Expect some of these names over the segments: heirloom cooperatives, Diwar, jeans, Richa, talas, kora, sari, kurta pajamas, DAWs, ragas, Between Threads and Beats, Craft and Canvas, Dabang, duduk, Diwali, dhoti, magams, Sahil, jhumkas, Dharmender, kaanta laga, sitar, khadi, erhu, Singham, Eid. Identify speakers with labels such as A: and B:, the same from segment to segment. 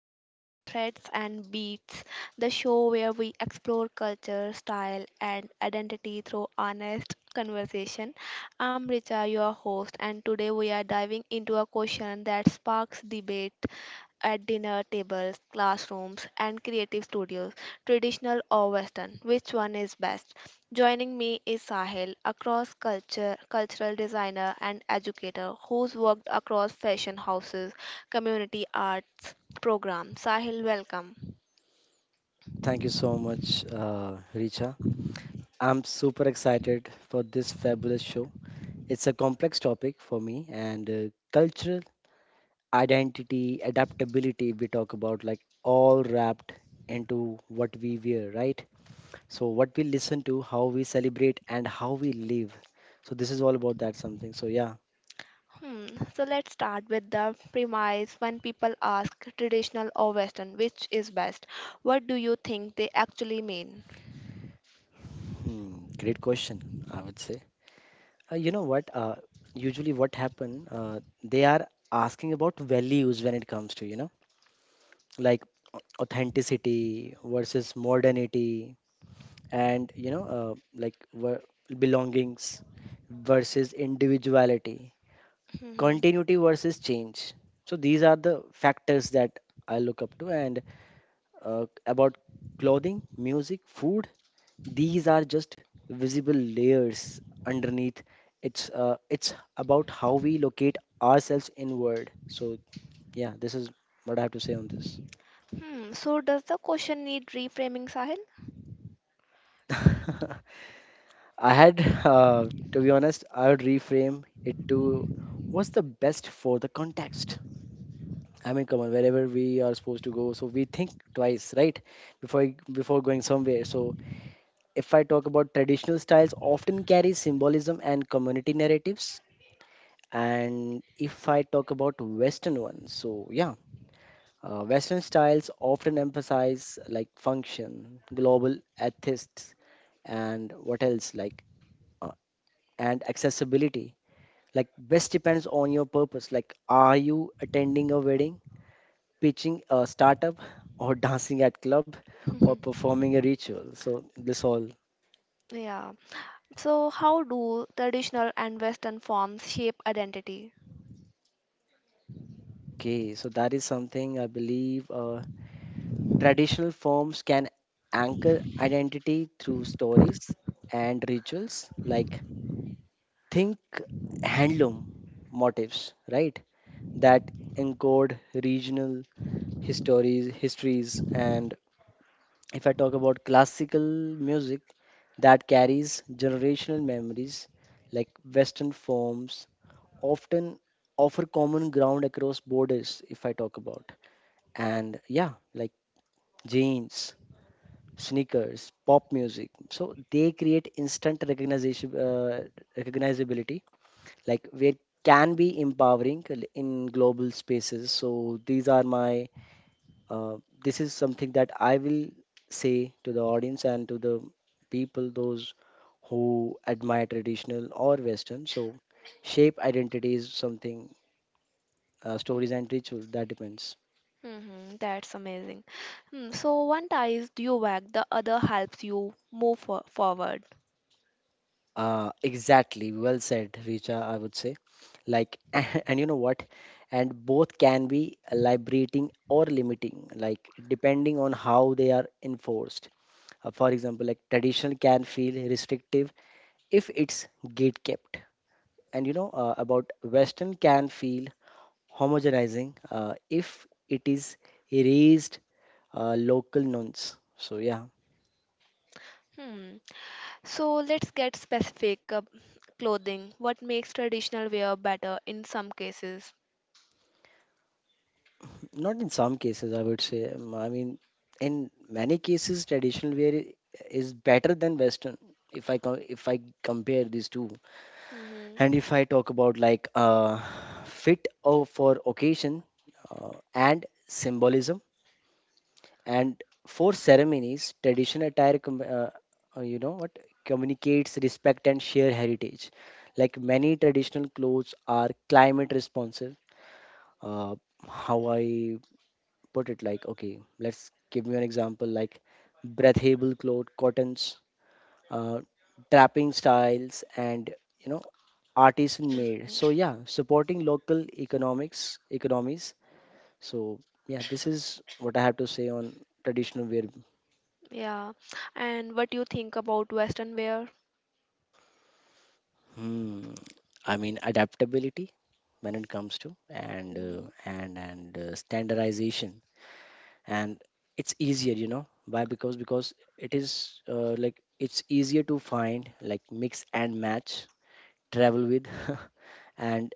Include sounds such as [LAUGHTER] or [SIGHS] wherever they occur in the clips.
A: to Between Threads and Beats, the show where we explore culture, style, and identity through honest conversation. I'm Richa, your host, and today we are diving into a question that sparks debate at dinner tables, classrooms, and creative studios, traditional or Western. Which one is best? Joining me is Sahil, a cross culture cultural designer and educator who's worked across fashion houses, community arts program. Sahil, welcome.
B: Thank you so much, Richa. I'm super excited for this fabulous show. It's a complex topic for me, and cultural identity, adaptability, we talk about like all wrapped into what we wear, right? So, what we listen to, how we celebrate, and how we live. So, this is all about that something. So, yeah,
A: Hmm. So let's start with the premise when people ask traditional or Western, which is best? What do you think they actually mean?
B: hmm, great question, I would say. You know what? Usually, what happen? They are asking about values when it comes to, you know like authenticity versus modernity and you know, belongings versus individuality,
A: Hmm. Hmm.
B: continuity versus change. So these are the factors that I look up to, and about clothing, music, food. These are just visible layers underneath. It's about how we locate ourselves inward. So yeah, this is what I have to say on
A: Hmm, so does the question need reframing, Sahil?
B: this. [LAUGHS] I had, [LAUGHS] to be honest, I would reframe it to what's the best for the context. I mean, come on, wherever we are supposed to go, so we think twice, right, before going somewhere. So if I talk about traditional styles, often carry symbolism and community narratives, and if I talk about Western ones, so yeah. Western styles often emphasize like function, global ethics, and what else like uh, and accessibility. Like best depends on your purpose. Like are you attending a wedding, pitching a startup, or [LAUGHS] dancing at club, or
A: [LAUGHS]
B: performing a ritual? So this all,
A: Yeah. So, how do traditional and Western forms shape identity?
B: okay, so that is something I believe. Traditional forms can anchor identity through stories and rituals. Like think handloom motifs, right, that encode regional histories. And if I talk about classical music, that carries generational memories. Like Western forms often offer common ground across borders. If I talk about, and yeah, like jeans, sneakers, pop music, so they create instant recognizability, like where can be empowering in global spaces. So these are my, uh, this is something that I will say to the audience and to the people, those who admire traditional or Western. So, shape identity is something, stories and ritual, that depends.
A: Hmm, that's amazing. Hmm, so, one ties you back, the other helps you move forward.
B: Exactly, well said, Richa, I would say. Like, [LAUGHS] and you know what? And both can be liberating or limiting, like, depending on how they are enforced. For example, like traditional can feel restrictive if it's gatekept, and you know, about western can feel homogenizing if it is erased, local nuance. So yeah,
A: Hmm. So, let's get specific. Clothing. What makes traditional wear better in some cases?
B: not in some cases, I would say. I mean, in many cases traditional wear is better than western if if I compare these two.
A: Hmm.
B: And if I talk about like fit for occasion, uh, and symbolism. And for ceremonies, traditional attire, you know what, communicates respect and shared heritage. Like many traditional clothes are climate responsive. Uh, how I put it, like, okay, let's give you an example, like breathable cloth, cottons, uh, trapping styles, and you know, artisan
A: Hmm.
B: made. So yeah, supporting local economies. So yeah, this is what I have to say on traditional wear.
A: Yeah. And what you think about Western wear?
B: Hmm, I mean adaptability when it comes to, and
A: Hmm.
B: standardization. And it's easier, you know why? Because it is like it's easier to find, like mix and match, travel with. [LAUGHS] And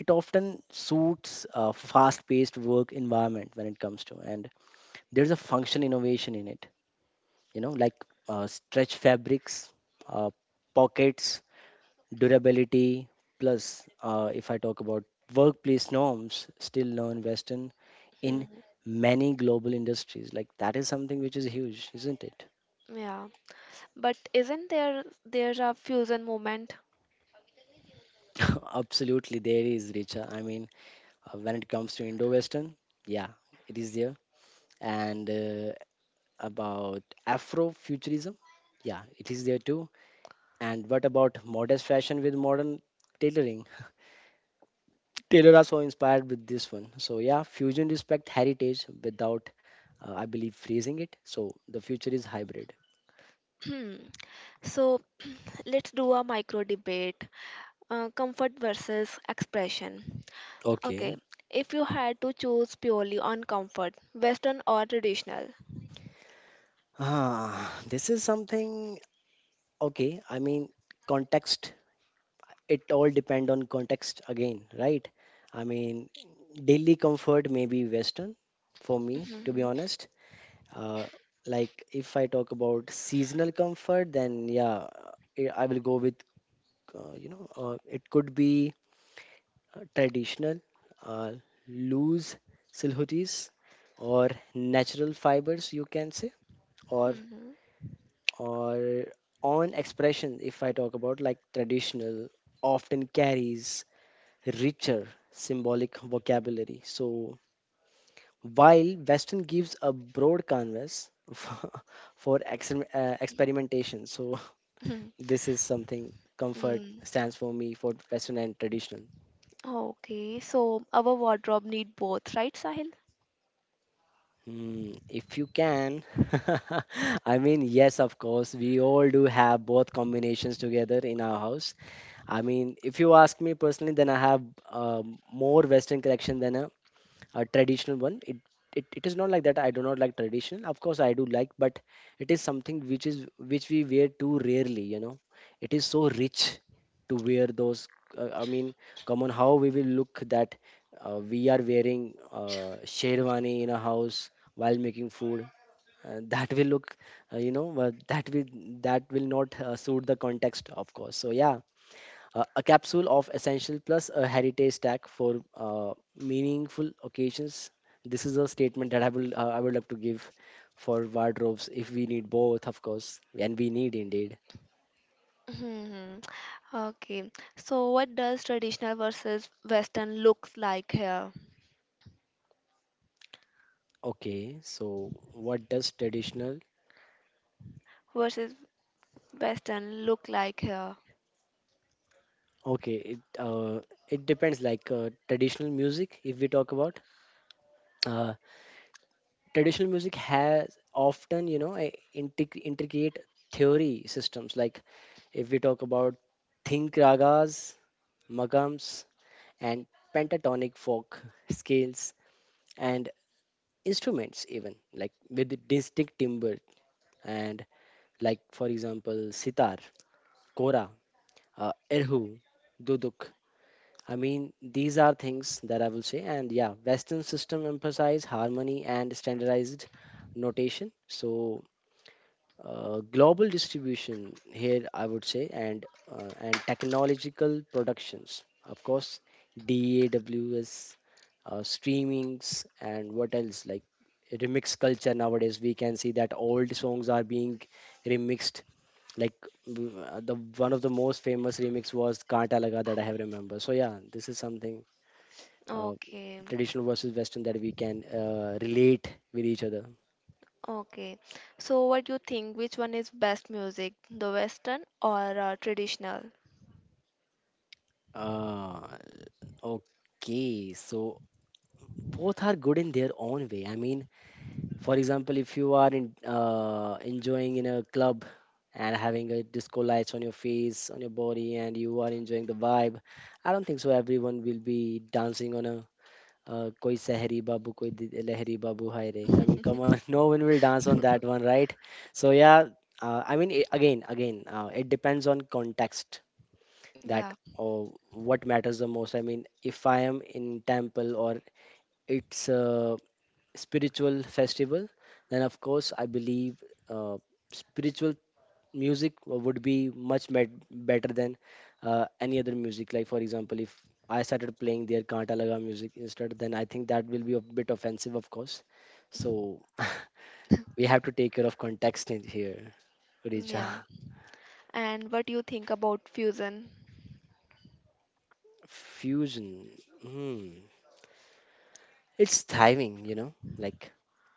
B: it often suits a fast paced work environment when it comes to. And there's a function innovation in it, you know, like stretch fabrics, uh, pockets, durability. Plus if I talk about workplace norms, still learn western in many global industries. Like that is something which is huge, isn't it?
A: Yeah. But isn't there's a fusion movement?
B: [LAUGHS] Absolutely there is, Richa. I mean, when it comes to indo-western, yeah, it is there. And about afrofuturism, yeah, it is there too. And what about modest fashion with modern tailoring? Taylor are so inspired with this one. So yeah, fusion respect heritage without, I believe, freezing it. So the future is hybrid.
A: Hmm. So [CLEARS THROAT] let's do a micro debate, comfort versus expression. Okay,
B: Okay.
A: if you had to choose purely on comfort, Western or traditional?
B: Ah, this is something. Okay, I mean, context. It all depend on context again, right? I mean, daily comfort may be Western for me, to be
A: Mhm.
B: honest. Uh, like if I talk about seasonal comfort, then yeah, I will go with it could be traditional, uh, loose silhouettes, or natural fibers you can say, or
A: Mhm.
B: or on expression. If I talk about like traditional often carries richer symbolic vocabulary, so while western gives a broad canvas [LAUGHS] for, for experimentation. So
A: Mhm.
B: [LAUGHS] this is something, comfort
A: Mm.
B: stands for me for western and traditional.
A: Okay, so our wardrobe need both, right, Sahil?
B: Mm, if you can, [LAUGHS] I mean, yes, of course, we all do have both combinations together in our house. I mean, if you ask me personally, then I have more Western collection than a traditional one. It is not like that I do not like traditional, of course I do like, but it is something which is which we wear too rarely, you know. It is so rich to wear those, I mean, come on, how we will look that we are wearing sherwani in a house while making food. That will look that will, that will not suit the context, of course. So yeah, a capsule of essential plus a heritage stack for meaningful occasions. This is a statement that I will I would love to give for wardrobes, if we need both, of course, and we need indeed.
A: Mhm. Okay, so what does traditional versus Western looks like here?
B: Okay, so what does traditional?
A: Versus Western look like here?
B: Okay, it it depends. Like traditional music, if we talk about uh, traditional music has often you know a intricate theory systems. Like if we talk about think ragas, magams and pentatonic folk scales, and instruments even like with the distinct timbre, and like for example sitar, kora, uh, erhu, duduk. I mean these are things that I will say. And yeah, western system emphasize harmony and standardized notation, so global distribution here I would say. And and technological productions, of course, DAWS, streamings, and what else like remix culture. Nowadays we can see that old songs are being remixed. Like the one of the most famous remix was kaanta laga, that I have remember. So yeah, this is something, uh,
A: Okay.
B: traditional versus western, that we can relate with each other.
A: Okay, so what do you think? Which one is best music, the Western or traditional?
B: uh, okay, so both are good in their own way. I mean, for example, if you are in, enjoying in a club and having a disco lights on your face, on your body, and you are enjoying the vibe, I don't think so. Everyone will be dancing on a koi sehri babu, koi lehri babu hai re. I mean, come on, [LAUGHS] no one will dance on that one, right? So yeah, I mean, again, it depends on context, that
A: Yeah.
B: or what matters the most. I mean, if I am in temple or it's spiritual festival, then of course I believe uh, spiritual music would be much better than any other music. Like for example, if I started playing their Kanta Laga music instead, then I think that will be a bit offensive, of course. So [LAUGHS] we have to take care of context in here,
A: Mm,
B: Richa.
A: yeah. And what do you think about fusion?
B: Fusion. Hmm. It's thriving, you know, like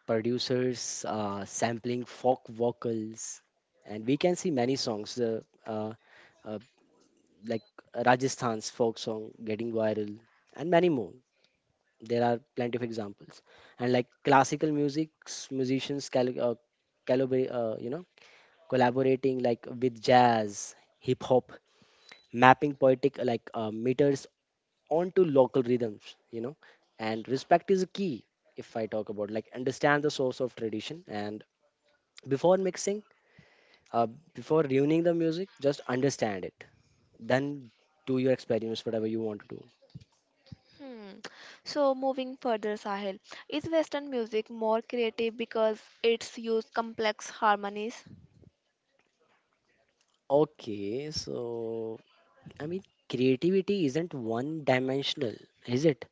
B: producers sampling folk vocals, and we can see many songs, uh, uh, like Rajasthan's folk song getting viral, and many more. There are plenty of examples, and like classical music's musicians, you know, collaborating like with jazz, hip hop, mapping poetic meters onto local rhythms, you know. And respect is a key, if I talk about, like understand the source of tradition and before mixing, uh, before ruining the music, just understand it, then do your experiments whatever you want to do.
A: Hmm. So moving further, Sahil, is Western music more creative because it's used complex harmonies?
B: Okay, so I mean, creativity isn't one dimensional, is it?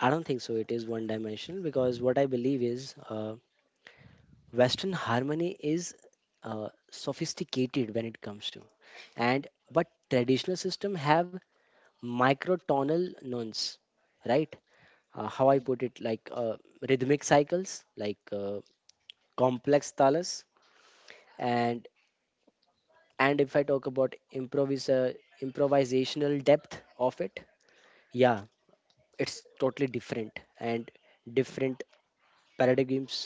B: I don't think so it is one dimensional, because what I believe is, uh, western harmony is uh, sophisticated when it comes to, and but traditional system have microtonal nuance, right? How I put it, like, rhythmic cycles, like complex talas, and and if I talk about improvis uh, improvisational depth of it, yeah, it's totally different. And different paradigms,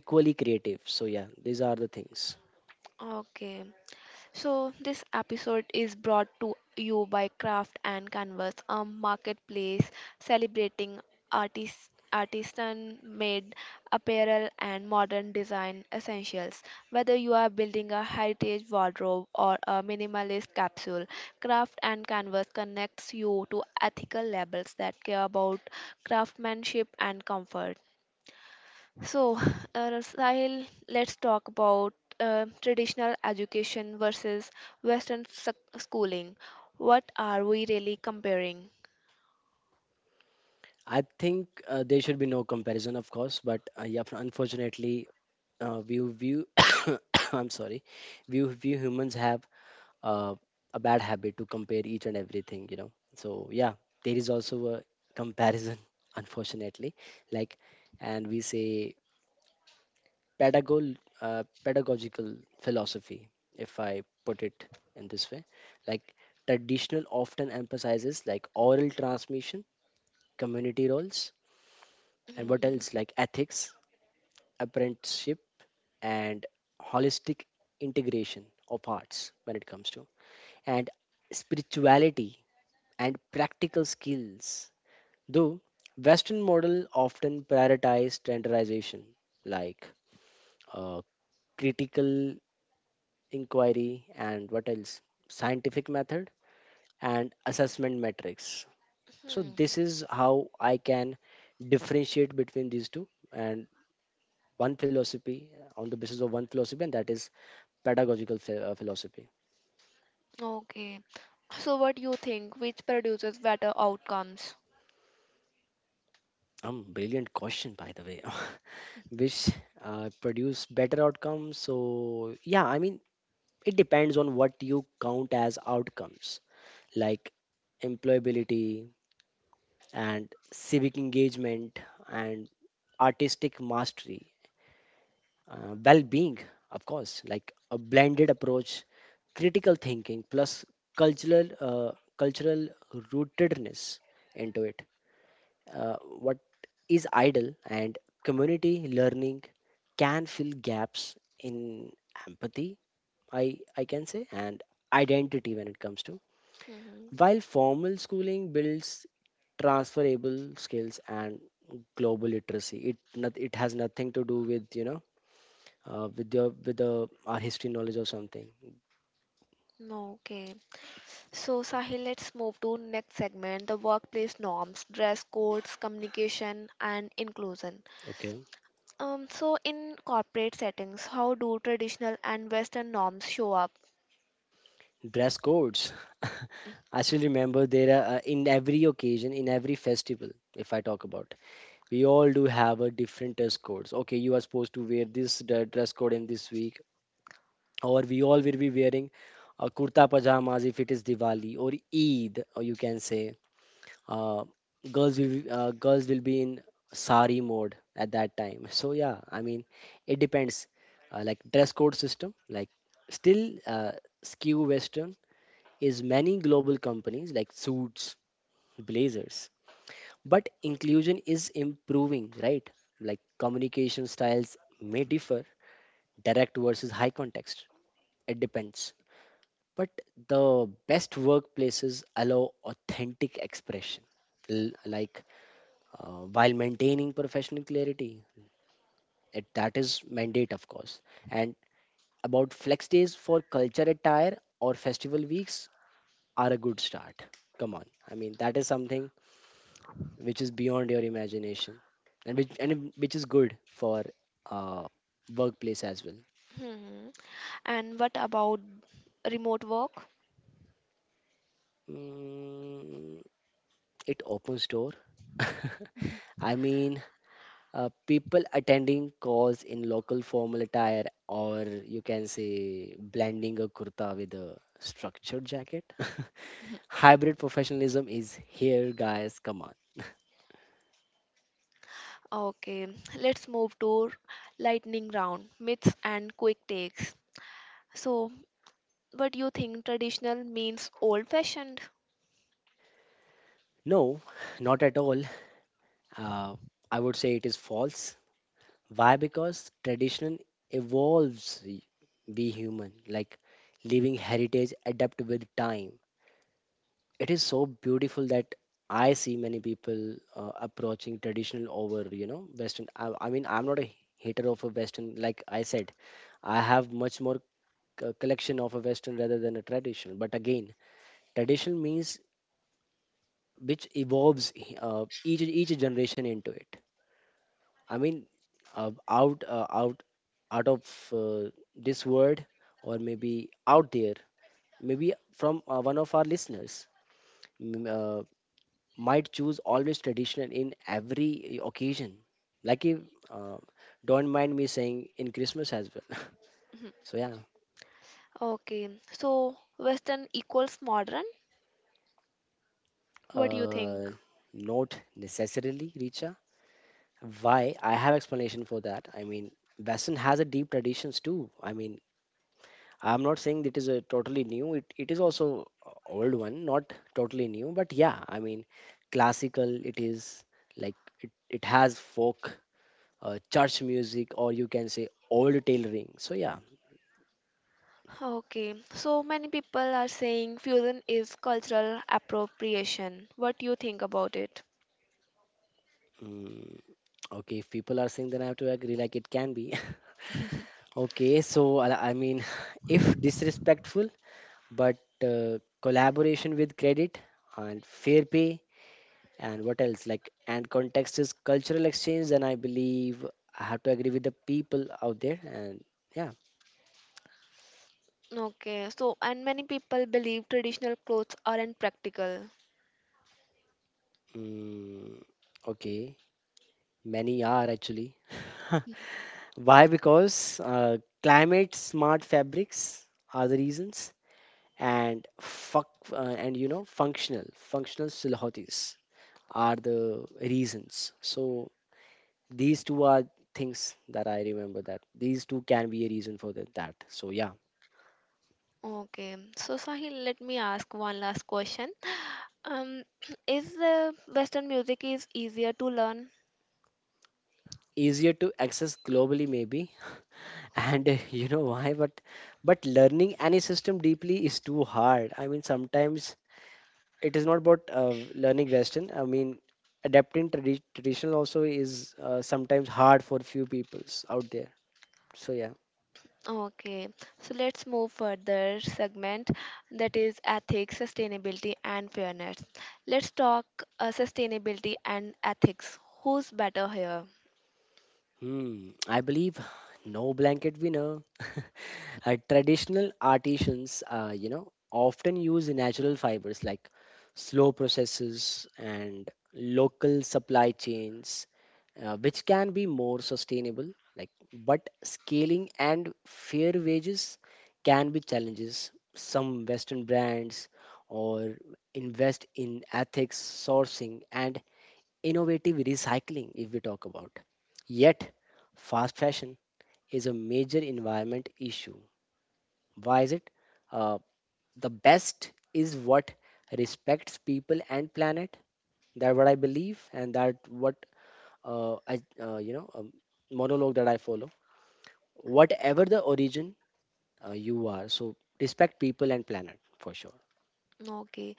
B: equally creative. So yeah, these are the things.
A: Okay. So, this episode is brought to you by Craft and Canvas, a marketplace celebrating artist, artisan made apparel and modern design essentials. Whether you are building a heritage wardrobe or a minimalist capsule, Craft and Canvas connects you to ethical labels that care about craftsmanship and comfort. So, Sahil, let's talk about traditional education versus Western schooling. What are we really comparing?
B: I think there should be no comparison, of course, but yeah, unfortunately, we view [COUGHS] I'm sorry, we view humans have uh, a bad habit to compare each and everything, you know. So yeah, there is also a comparison [LAUGHS] unfortunately, like, and we say pedagog pedagogical philosophy, if I put it in this way. Like traditional often emphasizes like oral transmission, community roles, and what
A: Mhm.
B: else like ethics, apprenticeship, and holistic integration of arts when it comes to, and spirituality and practical skills. Though Western model often prioritize standardization like uh, critical inquiry and what else scientific method and assessment metrics. So
A: Hmm.
B: this is how I can differentiate between these two and one philosophy on the basis of one philosophy, and that is philosophy.
A: Okay. So, what do you think? Which produces better outcomes?
B: Brilliant question, by the way. [LAUGHS] Which produce better outcomes, so yeah, I mean, it depends on what you count as outcomes, like employability and civic engagement and artistic mastery, well being, of course, like a blended approach, critical thinking, plus cultural, cultural rootedness into it. Uh, what is idle and community learning can fill gaps in empathy, I can say, and identity when it comes to.
A: Mhm.
B: While formal schooling builds transferable skills and global literacy, it has nothing to do with with your with the our history knowledge or something.
A: Okay. So, Sahil, let's move to next segment, the workplace norms, dress codes, communication, and inclusion.
B: Okay,
A: So, in corporate settings, how do traditional and Western norms show up?
B: dress codes. [LAUGHS] I still remember there are in every occasion, in every festival. If I talk about, we all do have a different dress codes. Okay, you are supposed to wear this dress code in this week, or we all will be wearing kurta pajamas if it is Diwali or Eid, or you can say uh, girls will be in sari mode at that time, so yeah, I mean, it depends. Like dress code system, like still skew western is many global companies like suits, blazers, but inclusion is improving, right? Like communication styles may differ, direct versus high context, it depends. But the best workplaces allow authentic expression, L- like while maintaining professional clarity. It, that is mandate, of course. And about flex days for culture attire or festival weeks are a good start. Come on, I mean, that is something which is beyond your imagination, and which is good for uh, workplace as well.
A: Hmm. And what about remote work?
B: Mm, it opens door. [LAUGHS] I mean, people attending cause in local formal attire, or you can say blending a kurta with a structured jacket. [LAUGHS] Hybrid professionalism is here, guys, come on.
A: Okay, let's move to lightning round, myths and quick takes. So, what do you think traditional means old fashioned?
B: No, not at all. uh, I would say it is false. Why? Because tradition evolves, be human, like living heritage adapt with time. It is so beautiful that I see many people approaching traditional over you know Western. I mean, I'm not a hater of a Western. Like I said, I have much more collection of a Western rather than a traditional. But again, traditional means which evolves each generation into it. I mean, out out out of this word, or maybe out there, maybe from one of our listeners. m- uh, might choose always traditional in every occasion. Like if uh, don't mind me saying, in Christmas as well. [LAUGHS] So yeah.
A: Okay, so Western equals modern? What do you think?
B: uh, Not necessarily, Richa. Why? I have explanation for that. I mean, Western has a deep traditions too. I mean, I'm not saying it is a totally new. It is also a old one, not totally new, but yeah. I mean, classical. It is like it has folk, church music, or you can say old tailoring. So yeah.
A: Okay, so many people are saying fusion is cultural appropriation. What do you think about it?
B: Mm, okay, if people are saying, then I have to agree, like it can be. [LAUGHS] Okay, so I mean, [LAUGHS] if disrespectful, but uh, collaboration with credit and fair pay, and what else? Like, and context is cultural exchange, then I believe I have to agree with the people out there. And yeah.
A: Okay, so and many people believe traditional clothes aren't practical.
B: Mm, okay, many are actually. [LAUGHS] Why? Because climate smart fabrics are the reasons, and fuck and you know functional silhouettes are the reasons, so these two are things that I remember that these two can be a reason for that. So yeah.
A: Okay, so Sahil, let me ask one last question. Um, [CLEARS THROAT] is Western music is easier to learn?
B: Easier to access globally, maybe. [LAUGHS] And you know why, but learning any system deeply is too hard, I mean, sometimes it is not about learning western, I mean, adapting traditional also is sometimes hard for few peoples out there, so yeah.
A: Okay, so let's move further segment that is ethics, sustainability, and fairness. Let's talk sustainability and ethics. Who's better here?
B: Hmm, I believe [SIGHS] no blanket winner. [LAUGHS] Traditional artisans, you know, often use natural fibers like slow processes and local supply chains, which can be more sustainable. Like, but scaling and fair wages can be challenges. Some Western brands or invest in ethics sourcing and innovative recycling, if we talk about. Yet, fast fashion is a major environment issue. Why is it? Uh, the best is what respects people and planet. That what I believe, and that what uh, I, uh, you know, um, monologue that I follow. Whatever the origin you are, so respect people and planet for sure.
A: Okay,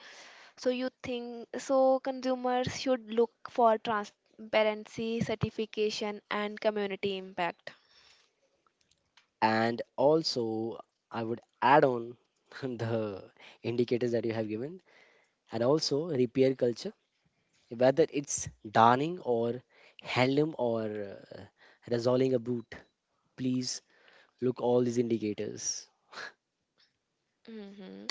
A: so you think so consumers should look for transparency, certification, and community impact.
B: And also, I would add on [LAUGHS] the indicators that you have given, and also repair culture, whether it's darning or handloom or resolving a boot. Please look all these indicators.
A: Hmm.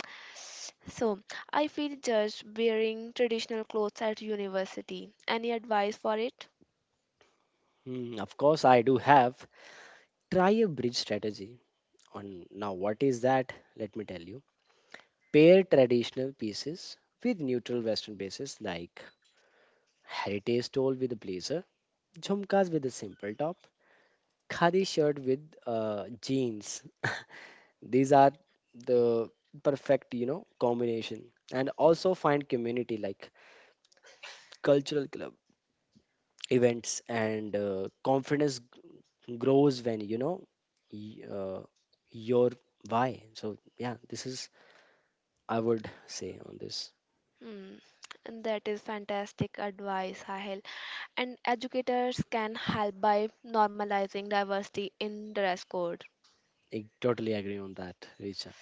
A: So, I feel judged wearing traditional clothes at university. Any advice for it?
B: Hmm, of course, I do have, try a bridge strategy. On now, what is that? Let me tell you. Pair traditional pieces with neutral Western bases, like heritage stole with a blazer, jhumkas with a simple top, khadi shirt with jeans. These are the perfect you know combination, and also find community, like cultural club events, and confidence grows when you know y- uh, your why. So yeah, this is, I would say on this.
A: Hmm. And that is fantastic advice, Sahil. And educators can help by normalizing diversity in dress code.
B: I totally agree on that, Richa.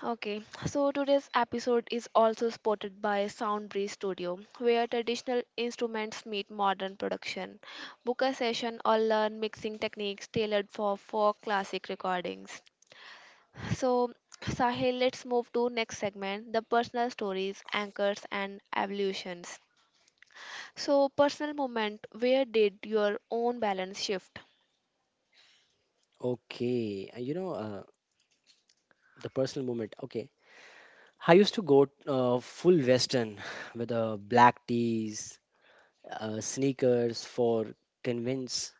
A: Okay, so today's episode is also supported by Soundbreeze Studio, where traditional instruments meet modern production. Book a session or learn mixing techniques tailored for folk classic recordings. So, Sahil, let's move to next segment, the personal stories, anchors and evolutions. So, personal moment, where did your own balance shift?
B: Okay, and you know the personal moment. Okay, I used to go full western [LAUGHS] [SIGHS] with black tees, sneakers for convince,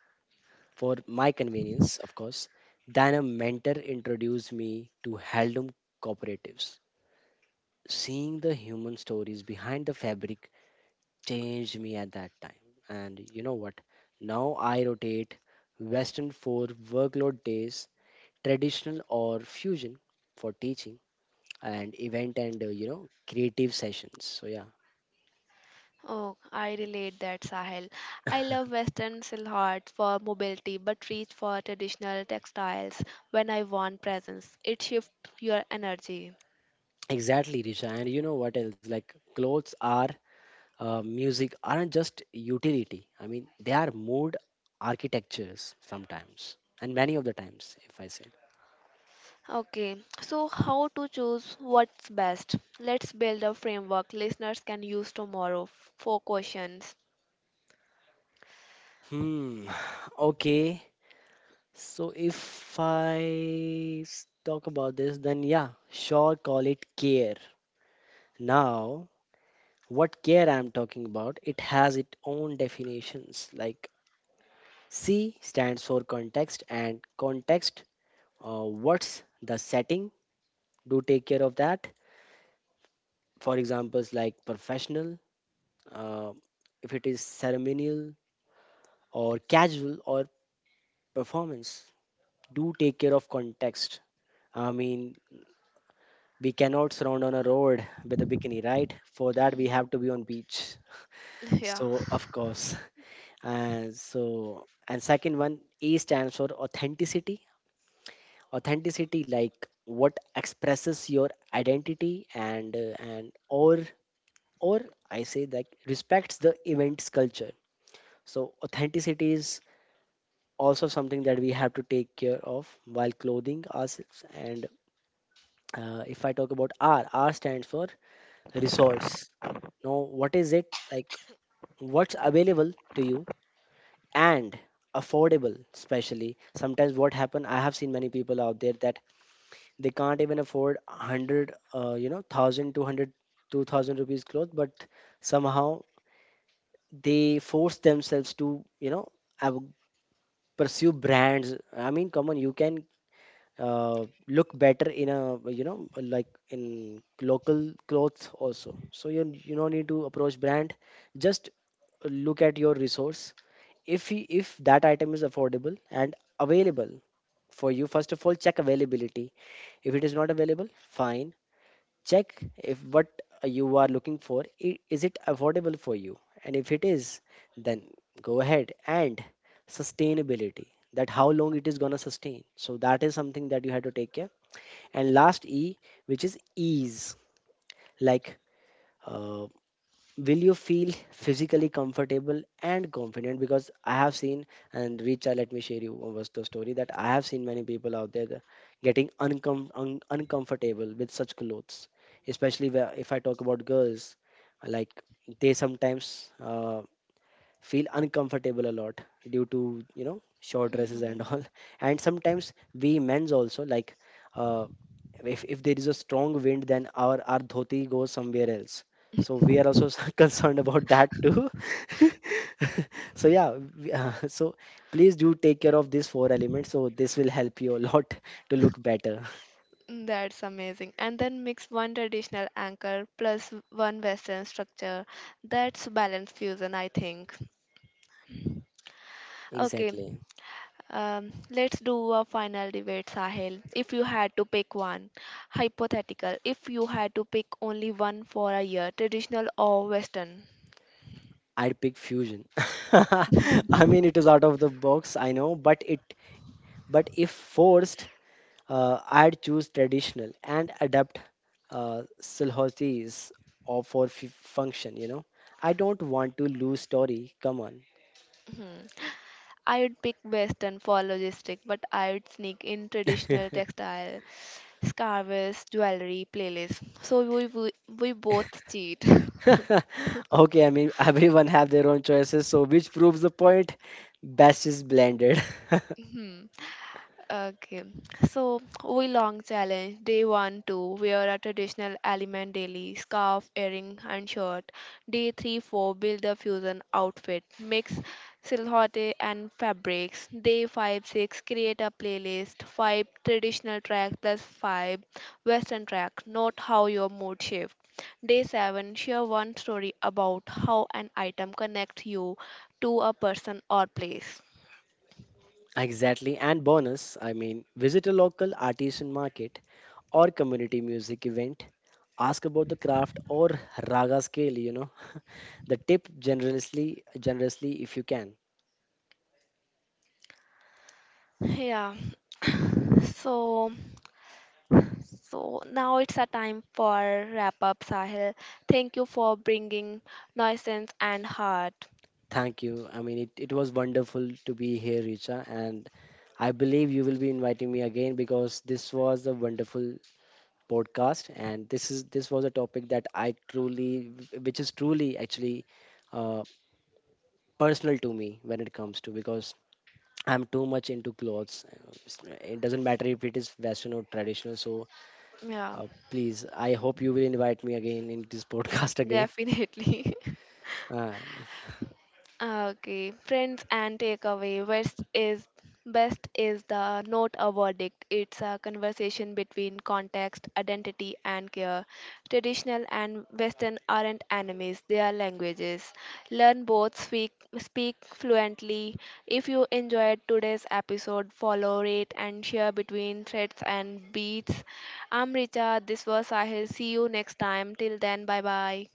B: for my convenience, of course. Then a mentor introduced me to heirloom cooperatives, seeing the human stories behind the fabric changed me at that time. And you know what? Now I rotate Western for workload days, traditional or fusion for teaching, and event and you know creative sessions. So yeah.
A: Oh, I relate that, Sahil. I love Western silhouettes for mobility, but reach for traditional textiles when I want presence. It shifts your energy.
B: Exactly, Risha. And you know what else? Like clothes are music aren't just utility. I mean, they are mood architectures sometimes, and many of the times, if I say.
A: Okay, so how to choose what's best? Let's build a framework listeners can use tomorrow. Four questions.
B: Hmm. [SIGHS] Okay. So if I talk about this, then yeah, sure, call it care. Now, what care I'm talking about, it has its own definitions. Like C stands for context, and context, what's the setting? Do take care of that. For examples like professional, uh, if it is ceremonial or casual or performance, do take care of context. I mean, we cannot surround on a road with a bikini, right? For that we have to be on beach,
A: [LAUGHS] Yeah.
B: so of course. And so, and second one, A stands for authenticity. Authenticity like what expresses your identity and or I say that respects the event's culture. So authenticity is also something that we have to take care of while clothing ourselves. And if I talk about R, R stands for resource. Now, what is it? Like what's available to you and affordable. Especially sometimes what happen, I have seen many people out there that they can't even afford 100 you know 1,000, 200, 2,000 rupees clothes. But somehow they force themselves to you know av- pursue brands. I mean, come on, you can look better in a you know, like in local clothes also. So you don't need to approach brand. Just look at your resource. If he, if that item is affordable and available for you. First of all, check availability. If it is not available, fine. Check if what you are looking for is it affordable for you. And if it is, then go ahead. And sustainability, that how long it is going to sustain. So that is something that you have to take care. And last E, which is ease. Like uh, will you feel physically comfortable and confident? Because I have seen, and Richa, let me share you one was the story, that I have seen many people out there that getting uncomfortable with such clothes. Especially where, if I talk about girls, like they sometimes feel uncomfortable a lot due to you know short dresses and all. [LAUGHS] And sometimes we men's also, like uh, if there is a strong wind, then our dhoti goes somewhere else. So we are also [LAUGHS] concerned about that too. [LAUGHS] So yeah, so please do take care of these four elements, so this will help you a lot [LAUGHS] to look better.
A: That's amazing. And then mix one traditional anchor plus one Western structure. That's balanced fusion, I think. Okay,
B: Exactly.
A: let's do a final debate, Sahil. If you had to pick one, hypothetical, if you had to pick only one for a year, traditional or Western?
B: I'd pick fusion. [LAUGHS] I mean, it is out of the box, I know, but it but if forced, I'd choose traditional and adapt Silhouette's or for function, you know. I don't want to lose story. Come on.
A: Hmm. I would pick Western for logistic, but I would sneak in
B: [LAUGHS]
A: traditional textile, scarves, jewelry, playlist. So we both cheat. [LAUGHS]
B: Okay, I mean, [LAUGHS] everyone have their own choices, so which proves the point. Best is blended. [LAUGHS]
A: Hmm. Okay, so we long challenge day 1-2 wear a traditional element daily scarf, earring, and shirt. Day 3-4 build a fusion outfit, mix silhouette and fabrics. Day 5-6 create a playlist, five traditional track plus five western track. Note how your mood shift. Day 7 share one story about how an item connects you to a person or place.
B: Exactly, and bonus, I mean, visit a local artisan market or community music event. Ask about the craft or raga scale, you know. The tip generously, generously if you can.
A: Yeah. [COUGHS] So So now it's a time for wrap up, Sahil. Thank you for bringing nuisance and heart.
B: Thank you. I mean, it was wonderful to be here, Richa, and I believe you will be inviting me again, because this was a wonderful podcast. And this was a topic that I truly, which is truly actually uh, personal to me when it comes to, because I'm too much into clothes. It doesn't matter if it is Western or traditional. So
A: Yeah,
B: please, I hope you will invite me again in this [LAUGHS] podcast again.
A: definitely. [LAUGHS]
B: Uh,
A: Ah, okay, friends and takeaway. Best is the not a verdict. It's a conversation between context, identity, and care. Traditional and Western aren't enemies; they are languages. Learn both. Speak fluently. If you enjoyed today's episode, follow, rate, and share between threads and beats. I'm Richa. This was Sahil. See you next time. Till then, bye bye.